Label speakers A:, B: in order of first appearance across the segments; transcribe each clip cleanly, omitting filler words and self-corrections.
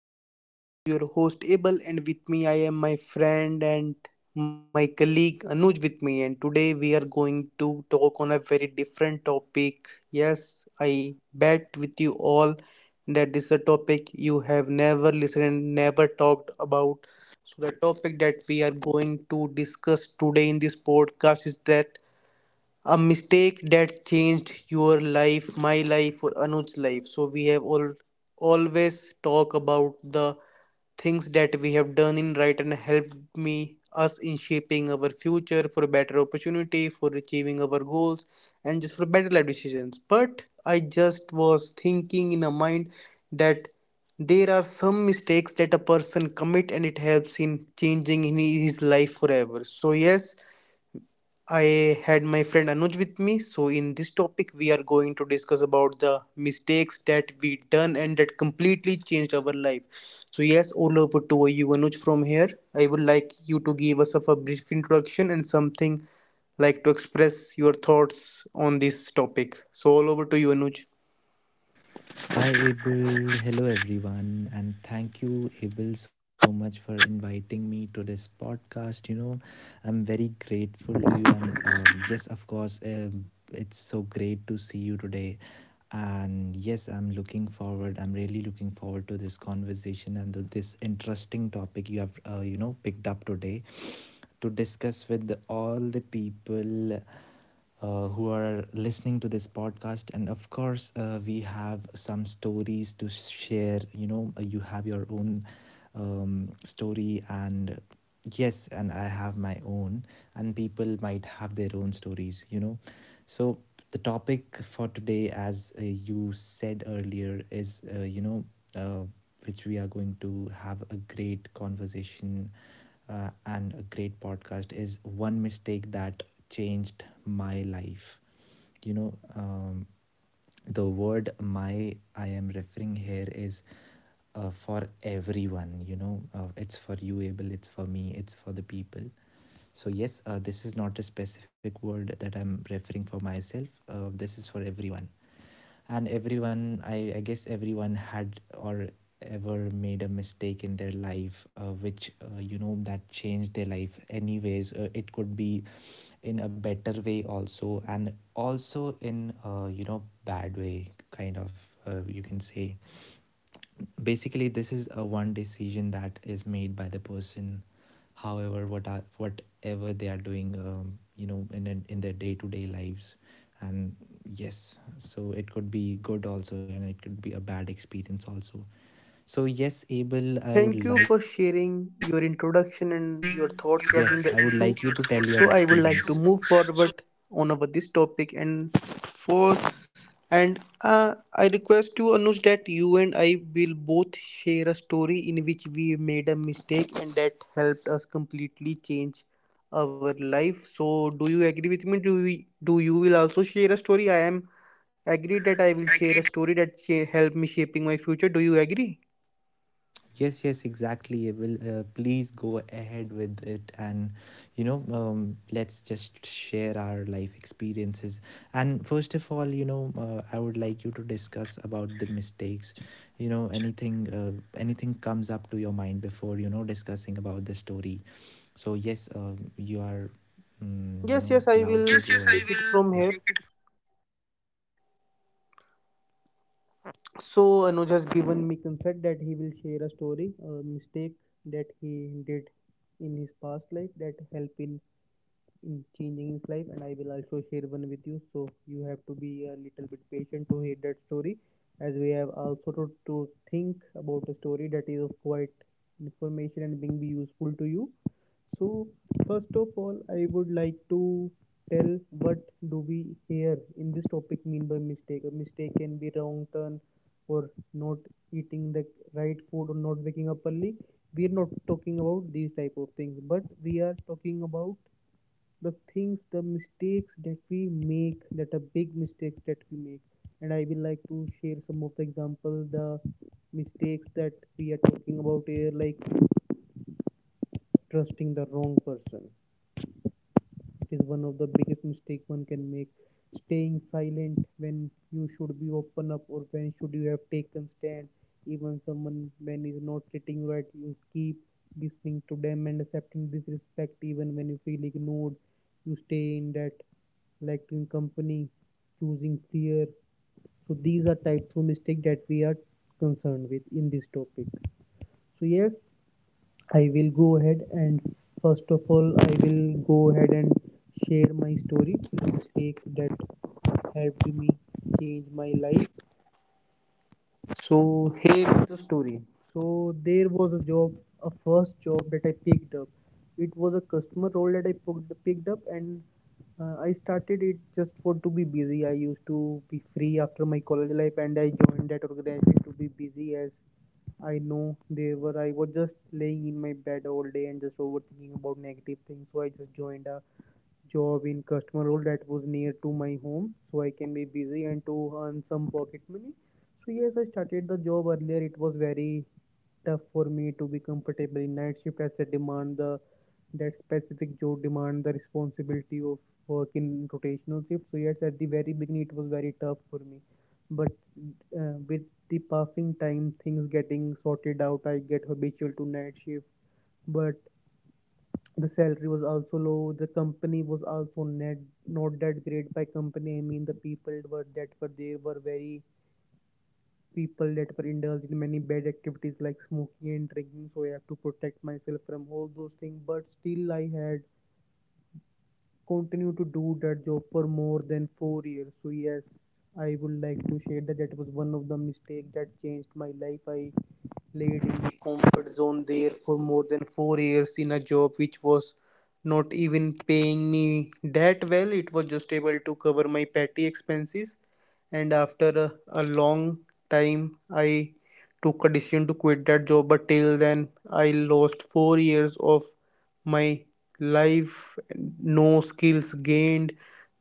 A: our podcast. This is your host Abel, and with me, I am my friend and my colleague Anuj with me. And today, we are going to talk on a very different topic. Yes, I bet with you all that this is a topic you have never listened and never talked about. So, the topic that we are going to discuss today in this podcast is that a mistake that changed your life, my life, or Anu's life. So we have all always talk about the things that we have done in right and helped me us in shaping our future for better opportunity, for achieving our goals, and just for better life decisions. But I just was thinking in a mind that there are some mistakes that a person commit and it helps in changing in his life forever. So yes, I had my friend Anuj with me. So in this topic, we are going to discuss about the mistakes that we done and that completely changed our life. So yes, all over to you, Anuj. From here, I would like you to give us of a brief introduction and something like to express your thoughts on this topic. So all over to you, Anuj.
B: Hi Abel, hello everyone, and thank you Abel so much for inviting me to this podcast. You know, I'm very grateful to you, and yes, of course, it's so great to see you today. And yes, I'm looking forward. I'm really looking forward to this conversation and to this interesting topic you have, you know, picked up today to discuss with all the people who are listening to this podcast. And of course, we have some stories to share. You know, you have your own story, and yes, and I have my own, and people might have their own stories, you know. So, the topic for today, as you said earlier, is, you know, uh, which we are going to have a great conversation and a great podcast is one mistake that changed my life. You know, the word my I am referring here is for everyone. You know, it's for you, Abel, it's for me, it's for the people. So, yes, this is not a specific word that I'm referring for myself, this is for everyone and everyone I guess everyone had or ever made a mistake in their life which you know that changed their life anyways. It could be in a better way also, and also in you know bad way, kind of, you can say. Basically this is a one decision that is made by the person, however what are, whatever they are doing, you know in a, in their day-to-day lives. And yes, so it could be good also and it could be a bad experience also. So yes
A: So, thank
B: Abel,
A: you
B: I
A: for
B: would like Thank you
A: sharing
B: to
A: your
B: tell
A: introduction and your
B: your
A: thoughts
B: yes I
A: regarding
B: would
A: the
B: like you
A: issue.
B: to tell your
A: So, I would like
B: experience
A: to move forward on over this topic and for and I request you, Anuj, that you and I will both share a story in which we made a mistake and that helped us completely change our life. So, do you agree with me? Do you will also share a story? I am agree that I will share a
B: issue.
A: story that
B: Agreed.
A: helped me shaping my future. Do you agree?
B: Yes, yes, exactly. It Will please go ahead with it, and you know, let's just share our life experiences. And first of all, you know, I would like you to discuss about the mistakes. You know, anything, anything comes up to your mind before you know discussing about the story. So yes, you are,
A: Yes, yes, I
B: you know,
A: will
B: allowed
A: take
B: to Yes,
A: it
B: go yes, I
A: from
B: ahead.
A: here.
B: Will Yeah.
A: So Anuj has given me consent that he will share a story, a mistake that he did in his past life that help in changing his life. And I will also share one with you, so you have to be a little bit patient to hear that story, as we have also to think about a story that is of quite information and being be useful to you. So first of all, I would like to tell what do we here in this topic mean by mistake. A mistake can be wrong turn, or not eating the right food, or not waking up early. We are not talking about these type of things, but we are talking about the mistakes that we make, that are big mistakes that we make. And I will like to share some of the example, the mistakes that we are talking about here. Like trusting the wrong person is one of the biggest mistake one can make. Staying silent when you should be open up, or when should you have taken stand. Even someone when is not treating right, you keep listening to them and accepting disrespect. Even when you feel ignored, you stay in that lacking company, choosing fear. So these are type two mistake that we are concerned with in this topic. So yes, I will go ahead and first of all, I will go ahead and share my story, the mistakes that helped me change my life. So here is the story. So there was a job, a first job that I picked up. It was a customer role that I picked up, and I started it just for to be busy. I used to be free after my college life, and I joined that organization to be busy. As I know they were, I was just laying in my bed all day and just overthinking about negative things. So I just joined a job in customer role that was near to my home so I can be busy and to earn some pocket money. So yes, I started the job earlier. It was very tough for me to be comfortable in night shift, as the demand the that specific job demand the responsibility of work in rotational shift. So yes, at the very beginning it was very tough for me, but with the passing time, things getting sorted out. I get habitual to night shift, but the salary was also low, the company was also net not that great. By company I mean the people were, that were there, were very people that were indulged in many bad activities like smoking and drinking, so I have to protect myself from all those things. But still I had continued to do that job for more than 4 years. So yes, I would like to share that that was one of the mistake that changed my life. I laid in the comfort zone there for more than 4 years in a job which was not even paying me that well. It was just able to cover my petty expenses. And after a long time, I took a decision to quit that job. But till then, I lost 4 years of my life, no skills gained,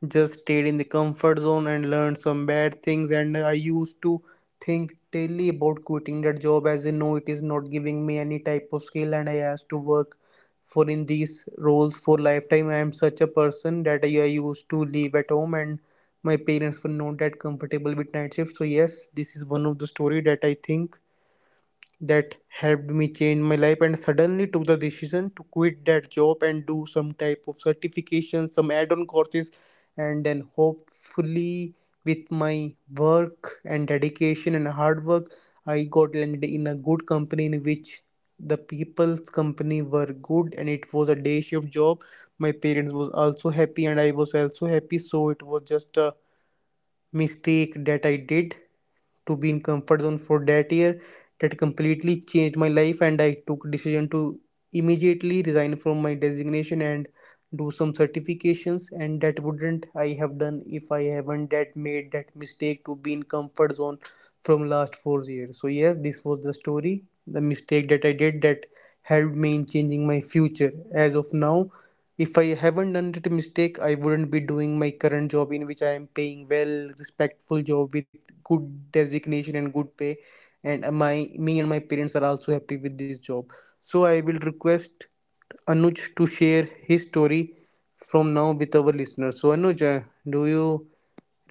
A: just stayed in the comfort zone and learned some bad things. And I used to think daily about quitting that job, as I know it is not giving me any type of skill and I have to work for in these roles for lifetime. I am such a person that I used to live at home and my parents were not that comfortable with night shift. So yes, this is one of the story that I think that helped me change my life, and suddenly took the decision to quit that job and do some type of certification, some add-on courses, and then hopefully with my work and dedication and hard work, I got landed in a good company in which the people's company were good and it was a day shift job. My parents was also happy and I was also happy. So it was just a mistake that I did to be in comfort zone for that year, that completely changed my life, and I took decision to immediately resign from my designation and do some certifications. And that wouldn't I have done if I haven't that made that mistake to be in comfort zone from last 4 years. So yes, this was the story, the mistake that I did that helped me in changing my future. As of now, if I haven't done that mistake, I wouldn't be doing my current job in which I am paying well, respectful job with good designation and good pay. And my me and my parents are also happy with this job. So I will request Anuj to share his story from now with our listeners. So Anuj, do you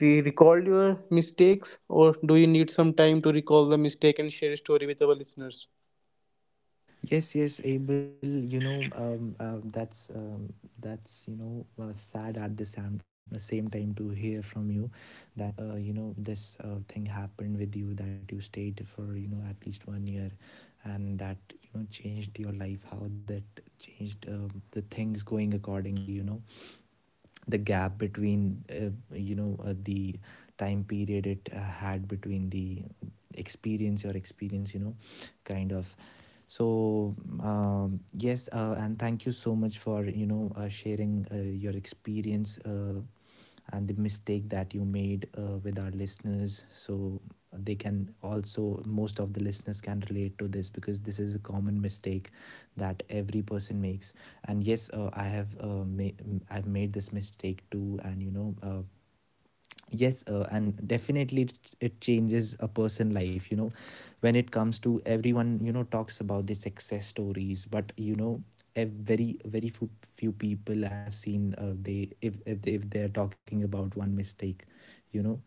A: recall your mistakes, or do you need some time to recall the mistake and share a story with our listeners?
B: Yes, yes, Abel. You know, that's you know sad at the same time to hear from you that you know this thing happened with you that you stayed for you know at least 1 year, and that you know changed your life. How that changed the things going accordingly. You know, the gap between you know the time period it had between the experience your experience, you know, kind of. So yes and thank you so much for you know sharing your experience and the mistake that you made with our listeners, so they can also most of the listeners can relate to this, because this is a common mistake that every person makes. And yes, I have I've made this mistake too, and you know yes and definitely it changes a person life. You know, when it comes to everyone, you know, talks about the success stories, but you know a very very few people I have seen, they if they're talking about one mistake, you know,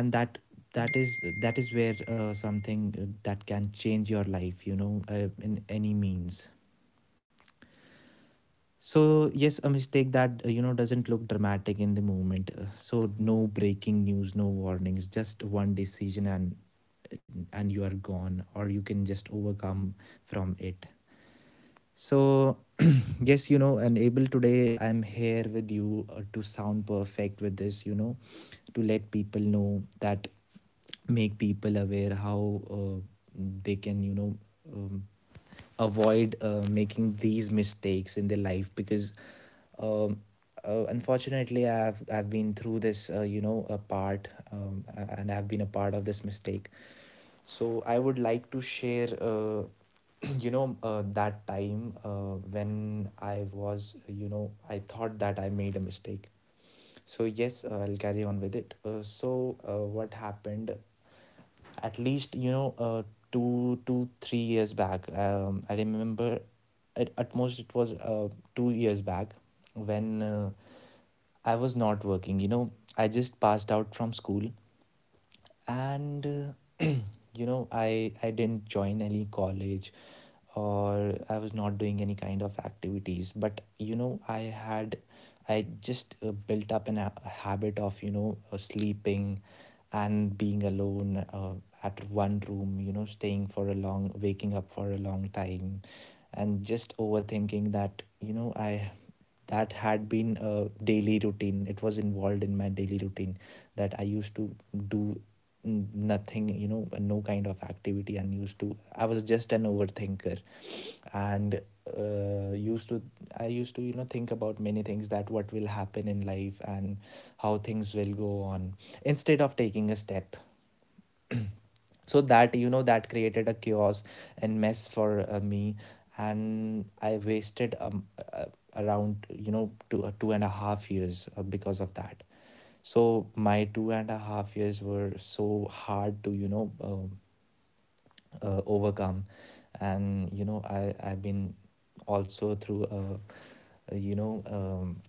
B: and that that is where something that can change your life, you know, in any means. So yes, a mistake that you know doesn't look dramatic in the moment. So no breaking news, no warnings, just one decision and you are gone, or you can just overcome from it. So yes, you know, and able, today I'm here with you to sound perfect with this, you know, to let people know that, make people aware how they can, you know, um, avoid making these mistakes in their life because, um, unfortunately I've been through this, you know, a part, and I've been a part of this mistake. So I would like to share, you know that time when I was, you know, I thought that I made a mistake. So yes, I'll carry on with it. So what happened at least, you know, two two three years back, I remember, at most it was 2 years back when I was not working, you know. I just passed out from school, and you know I didn't join any college or I was not doing any kind of activities, but you know I had, I just built up an a habit of, you know, sleeping and being alone at one room, you know, staying for a long, waking up for a long time, and just overthinking that, you know, I, that had been a daily routine, it was involved in my daily routine that I used to do nothing, you know, no kind of activity, and used to, I was just an overthinker. And used to I used to, you know, think about many things that what will happen in life and how things will go on, instead of taking a step. So that, you know, that created a chaos and mess for me, and I wasted uh, around, you know, 2.5 years because of that. So my 2.5 years were so hard to, you know, overcome. And you know I've been also through a you know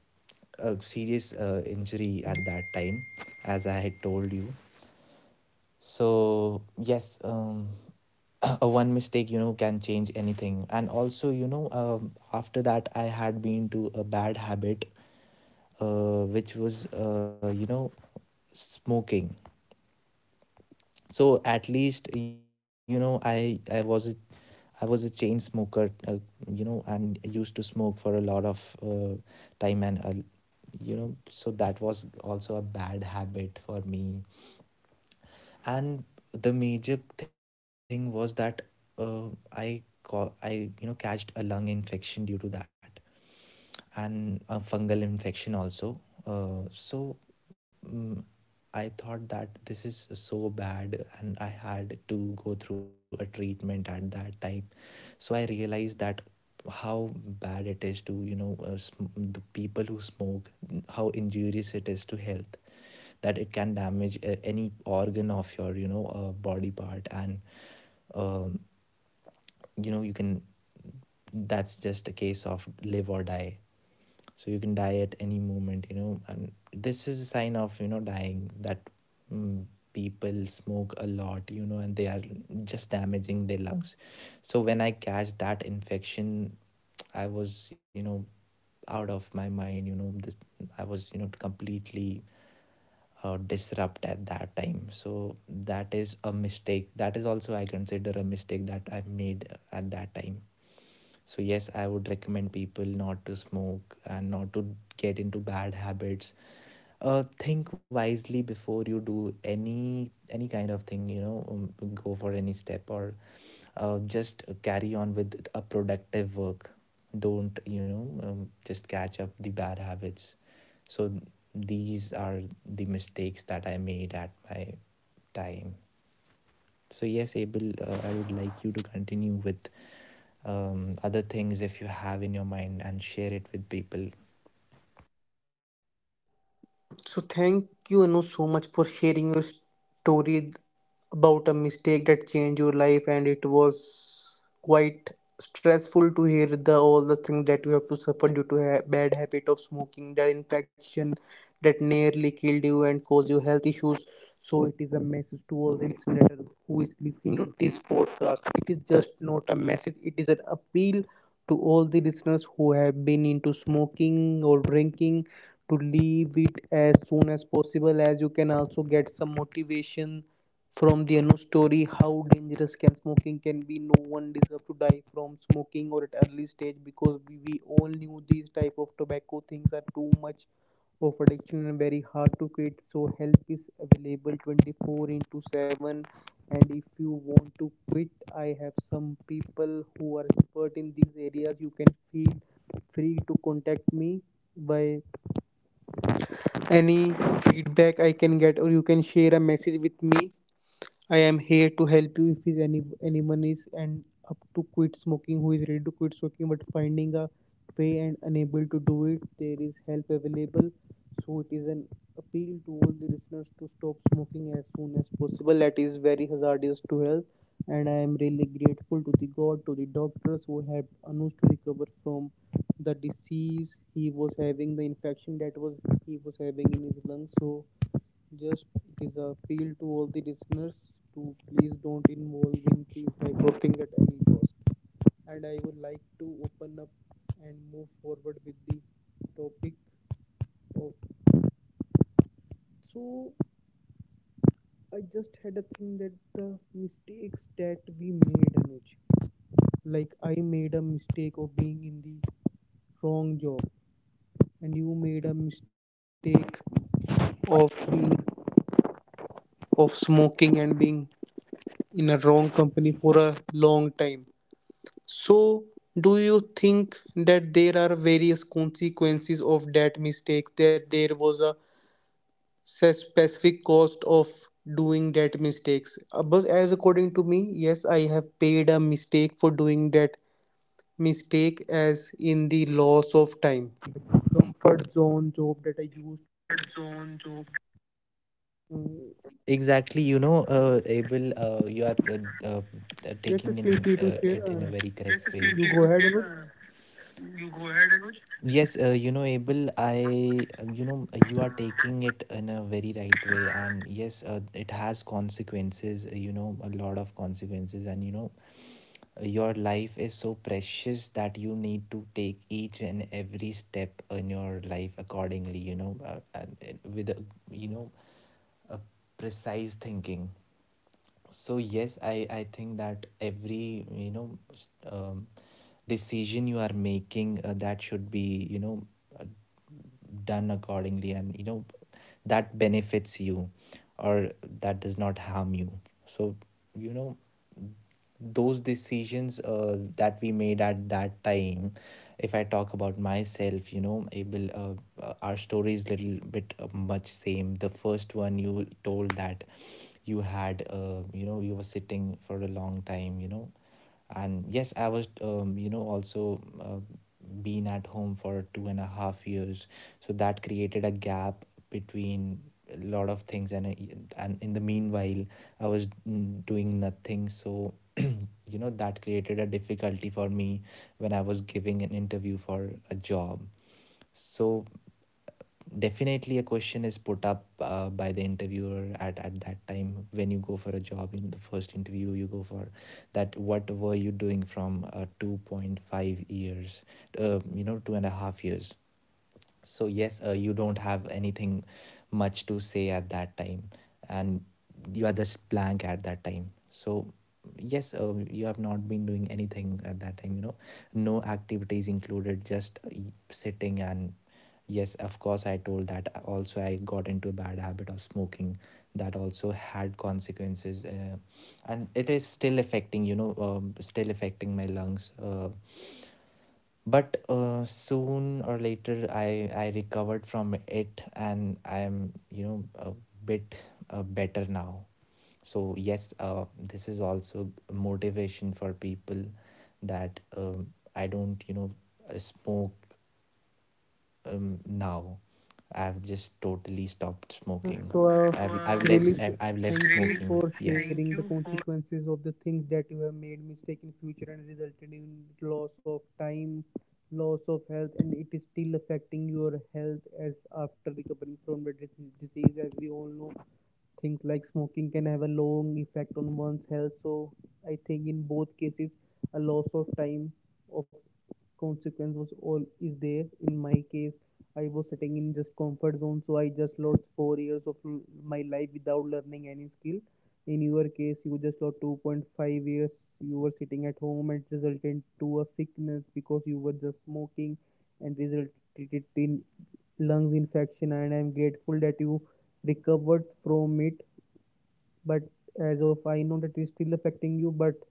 B: a serious injury at that time, as I had told you. So yes, a one mistake, you know, can change anything. And also, you know, after that I had been to a bad habit which was you know smoking. So at least, you know, I was a chain smoker, you know, and used to smoke for a lot of time, and you know so that was also a bad habit for me. And the major thing was that I you know catched a lung infection due to that, and a fungal infection also. So mm I thought that this is so bad, and I had to go through a treatment at that time. So I realized that how bad it is to, you know, the people who smoke, how injurious it is to health, that it can damage any organ of your, you know, body part. And um, you know, you can, that's just a case of live or die. So you can die at any moment, you know, and this is a sign of, you know, dying, that mm, people smoke a lot, you know, and they are just damaging their lungs. So when I catch that infection, I was, you know, out of my mind, you know, this, I was, you know, completely disrupt at that time. So that is a mistake, that is also I consider a mistake that I made at that time. So yes, I would recommend people not to smoke and not to get into bad habits. Think wisely before you do any kind of thing, you know. Go for any step, or just carry on with a productive work. Don't, you know, just catch up the bad habits. So these are the mistakes that I made at my time. So yes Abel, I would like you to continue with other things if you have in your mind, and share it with people.
A: So thank you, Anu, so much for sharing your story about a mistake that changed your life, and it was quite stressful to hear the all the things that you have to suffer due to bad habit of smoking, that infection that nearly killed you and caused you health issues. So it is a message to all the listeners who is listening to this podcast. It is just not a message; it is an appeal to all the listeners who have been into smoking or drinking to leave it as soon as possible, as you can also get some motivation from the Anu story. How dangerous can smoking can be. No one deserves to die from smoking or at early stage, because we all knew these type of tobacco things are too much of addiction and very hard to quit. So help is available 24 into 7, and if you want to quit, I have some people who are expert in these areas. You can feel free to contact me by any feedback I can get, or you can share a message with me. I am here to help you if is any anyone is and up to quit smoking, who is ready to quit smoking but finding a way and unable to do it. There is help available. So it is an appeal to all the listeners to stop smoking as soon as possible. That is very hazardous to health, and I am really grateful to the God, to the doctors who helped Anush to recover from the disease he was having, the infection that was he was having in his lungs. So just it is a appeal to all the listeners to please don't involve in these type of things at any cost. And I would like to open up and move forward with the topic of. So I just had a thing that the mistakes that we made, Anuj, like I made a mistake of being in the wrong job, and you made a mistake of being, of smoking and being in a wrong company for a long time. So, do you think that there are various consequences of that mistakes? That there was a specific cost of doing that mistakes? But as according to me, yes, I have paid a mistake for doing that mistake, as in the loss of time. Comfort zone job that I used. Mm,
B: Exactly, you know, Abel, you are uh, uh,
A: Yes,
B: taking
A: yes,
B: in
A: feel free to
B: it
A: share.
B: in a very correct way
A: You go ahead,
B: you.
A: Anuj.
B: Uh, you go ahead, Anuj. Yes, you know, Abel, I, you know, you are taking it in a very right way. And yes, it has consequences, you know, a lot of consequences. And, you know, your life is so precious that you need to take each and every step in your life accordingly, you know, and with, a, you know, a precise thinking. So yes, I think that every, you know, decision you are making, that should be, you know, uh, done accordingly, and you know that benefits you or that does not harm you. So you know those decisions that we made at that time. If I talk about myself, you know, able, our story is little bit much same the first one you told, that you had, you know, you were sitting for a long time, you know. And yes, I was, you know, also uh, been at home for 2.5 years. So that created a gap between a lot of things. And in the meanwhile I was, doing nothing. So you know that created a difficulty for me when I was giving an interview for a job. So definitely a question is put up by the interviewer, at that time when you go for a job, in the first interview you go for, that what were you doing from 2.5 years, you know, 2.5 years. So yes, you don't have anything much to say at that time, and you are just blank at that time. So yes, you have not been doing anything at that time, you know, no activities included, just sitting. And yes, of course, I told that also, I got into a bad habit of smoking, that also had consequences, and it is still affecting, you know, still affecting my lungs, but soon or later I recovered from it, and I am, you know, a bit better now. So yes, this is also motivation for people, that I don't, you know, smoke now. I've just totally stopped
A: Uh,
B: smoking.
A: so, uh, Really, so
B: I've left
A: thank you
B: Really,
A: for
B: smoking yes
A: sharing the
B: thank you for.
A: consequences of the things that you have made mistake in future and resulted in loss of time, loss of health, and it is still affecting your health as after recovering from the disease, as we all know things like smoking can have a long effect on one's health. So I think in both cases a loss of time of consequence was all is there. In my case, I was sitting in just comfort zone, so I just lost 4 years of my life without learning any skill. In your case, you just lost 2.5 years. You were sitting at home and resulted to a sickness because you were just smoking and resulted in lungs infection, and I'm grateful that you recovered from it. But as of I know that is still affecting you, but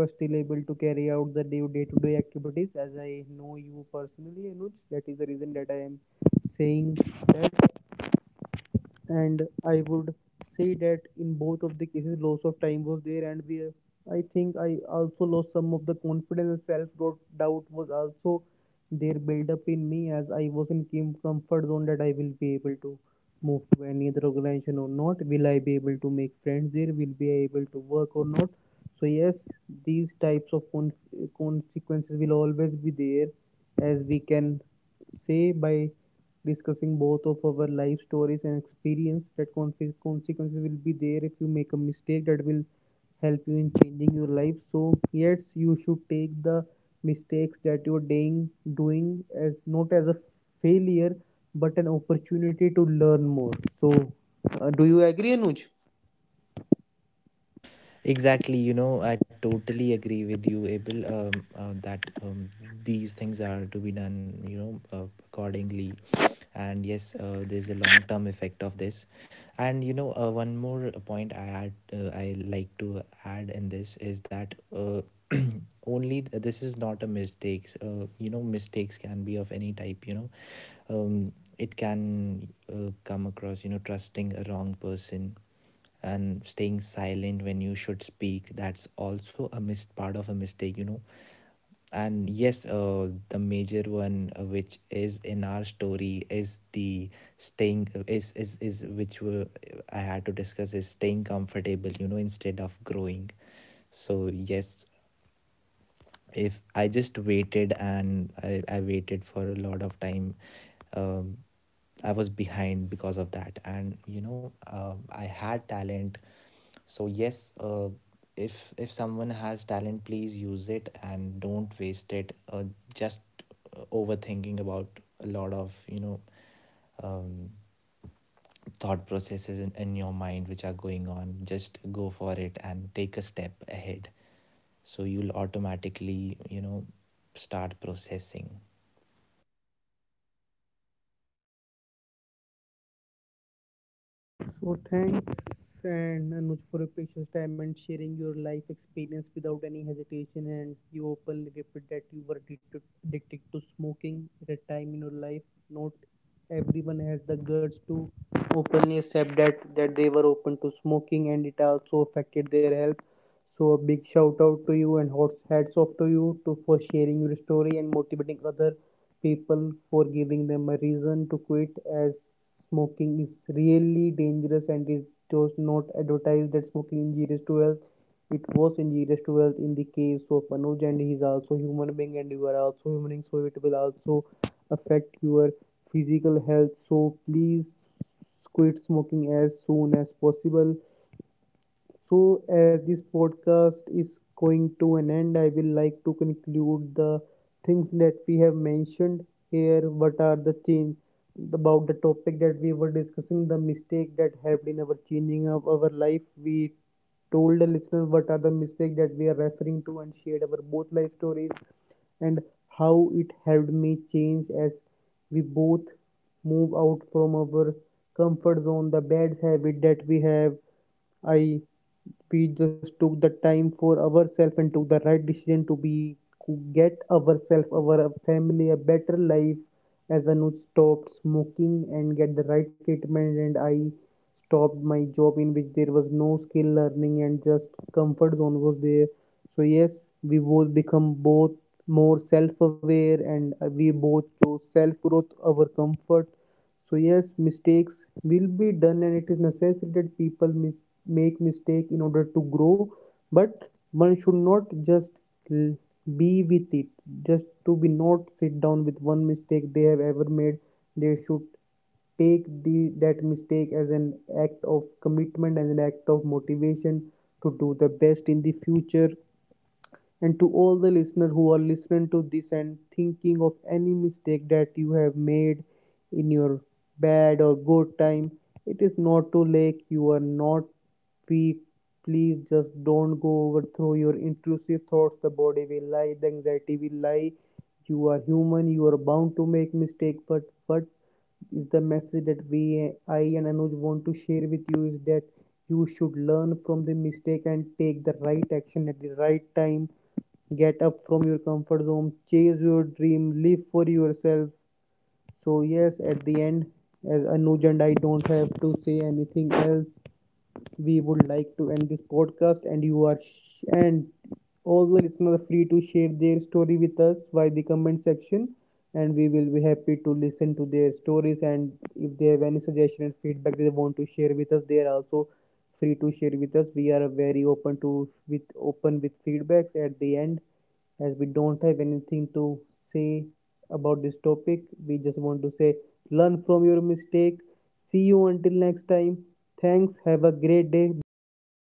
A: you are still able to carry out the day to day activities. As I know you personally, Anuj, that is the reason that I am saying that. And I would say that in both of the cases, loss of time was there, and I think, I also lost some of the confidence, and self doubt was also there built up in me as I was in comfort zone, that I will be able to move to any other organization or not. Will I be able to make friends there? Will be able to work or not? So yes, these types of consequences will always be there, as we can say by discussing both of our life stories and experience, that consequences will be there if you make a mistake. That will help you in changing your life. So yes, you should take the mistakes that you're doing as not as a failure, but an opportunity to learn more. So do you agree, Anuj?
B: Exactly, you know, I totally agree with you, Abel, that these things are to be done, you know, accordingly. And yes, there's a long term effect of this. And, you know, one more point add, I like to add in this is that, only this is not a mistakes, you know, mistakes can be of any type, you know, um, it can come across, you know, trusting a wrong person and staying silent when you should speak, that's also a missed part of a mistake, you know. And yes, the major one which is in our story is the staying I had to discuss, is staying comfortable, you know, instead of growing. So yes, if I just waited, and I waited for a lot of time. um, I was behind because of that, and you know I had talent. So yes, if someone has talent, please use it and don't waste it. Just Overthinking about a lot of, you know, um, thought processes in your mind which are going on, just go for it and take a step ahead, so you'll automatically, you know, start processing.
A: So thanks and Anuj for your precious time and sharing your life experience without any hesitation. And you openly repeat that you were addicted to smoking at a time in your life. Not everyone has the guts to openly accept that they were open to smoking, and it also affected their health. So a big shout out to you, and hats off to you to for sharing your story and motivating others people, for giving them a reason to quit, as smoking is really dangerous, and it does not advertise that smoking is injurious to health. It was injurious to health in the case of Anuj, and he is also human being, and you are also human being, so it will also affect your physical health. So please quit smoking as soon as possible. So, as this podcast is going to an end, I will like to conclude the things that we have mentioned here. What are the change about the topic that we were discussing, the mistake that helped in our changing of our life? We told the listener what are the mistake that we are referring to, and shared our both life stories, and how it helped me change, as we both move out from our comfort zone, the bad habit that we have. I We just took the time for ourselves and took the right decision to be, to get ourselves, our family, a better life, as Anuj stopped smoking and get the right treatment, and I stopped my job in which there was no skill learning and just comfort zone was there. So yes, we both become both more self-aware, and we both chose self-growth over comfort. So yes, mistakes will be done, and it is necessary that people make mistake in order to grow. But one should not just l- be with it, just to be not sit down with one mistake they have ever made. They should take the that mistake as an act of commitment, as an act of motivation, to do the best in the future. And to all the listeners who are listening to this and thinking of any mistake that you have made in your bad or good time, it is not too late. You are not weak. Please just don't go overthrow your intrusive thoughts. The body will lie, the anxiety will lie. You are human, you are bound to make mistake. But what is the message that we I and Anuj want to share with you is that you should learn from the mistake and take the right action at the right time. Get up from your comfort zone, chase your dream, live for yourself. So yes, at the end, as Anuj and I don't have to say anything else, we would like to end this podcast. And all the listeners are free to share their story with us via the comment section, and we will be happy to listen to their stories. And if they have any suggestion and feedback they want to share with us, they are also free to share with us. We are very open to, with open with feedbacks. At the end, as we don't have anything to say about this topic, we just want to say learn from your mistake. See you until next time. Thanks. Have a great day. Bye bye.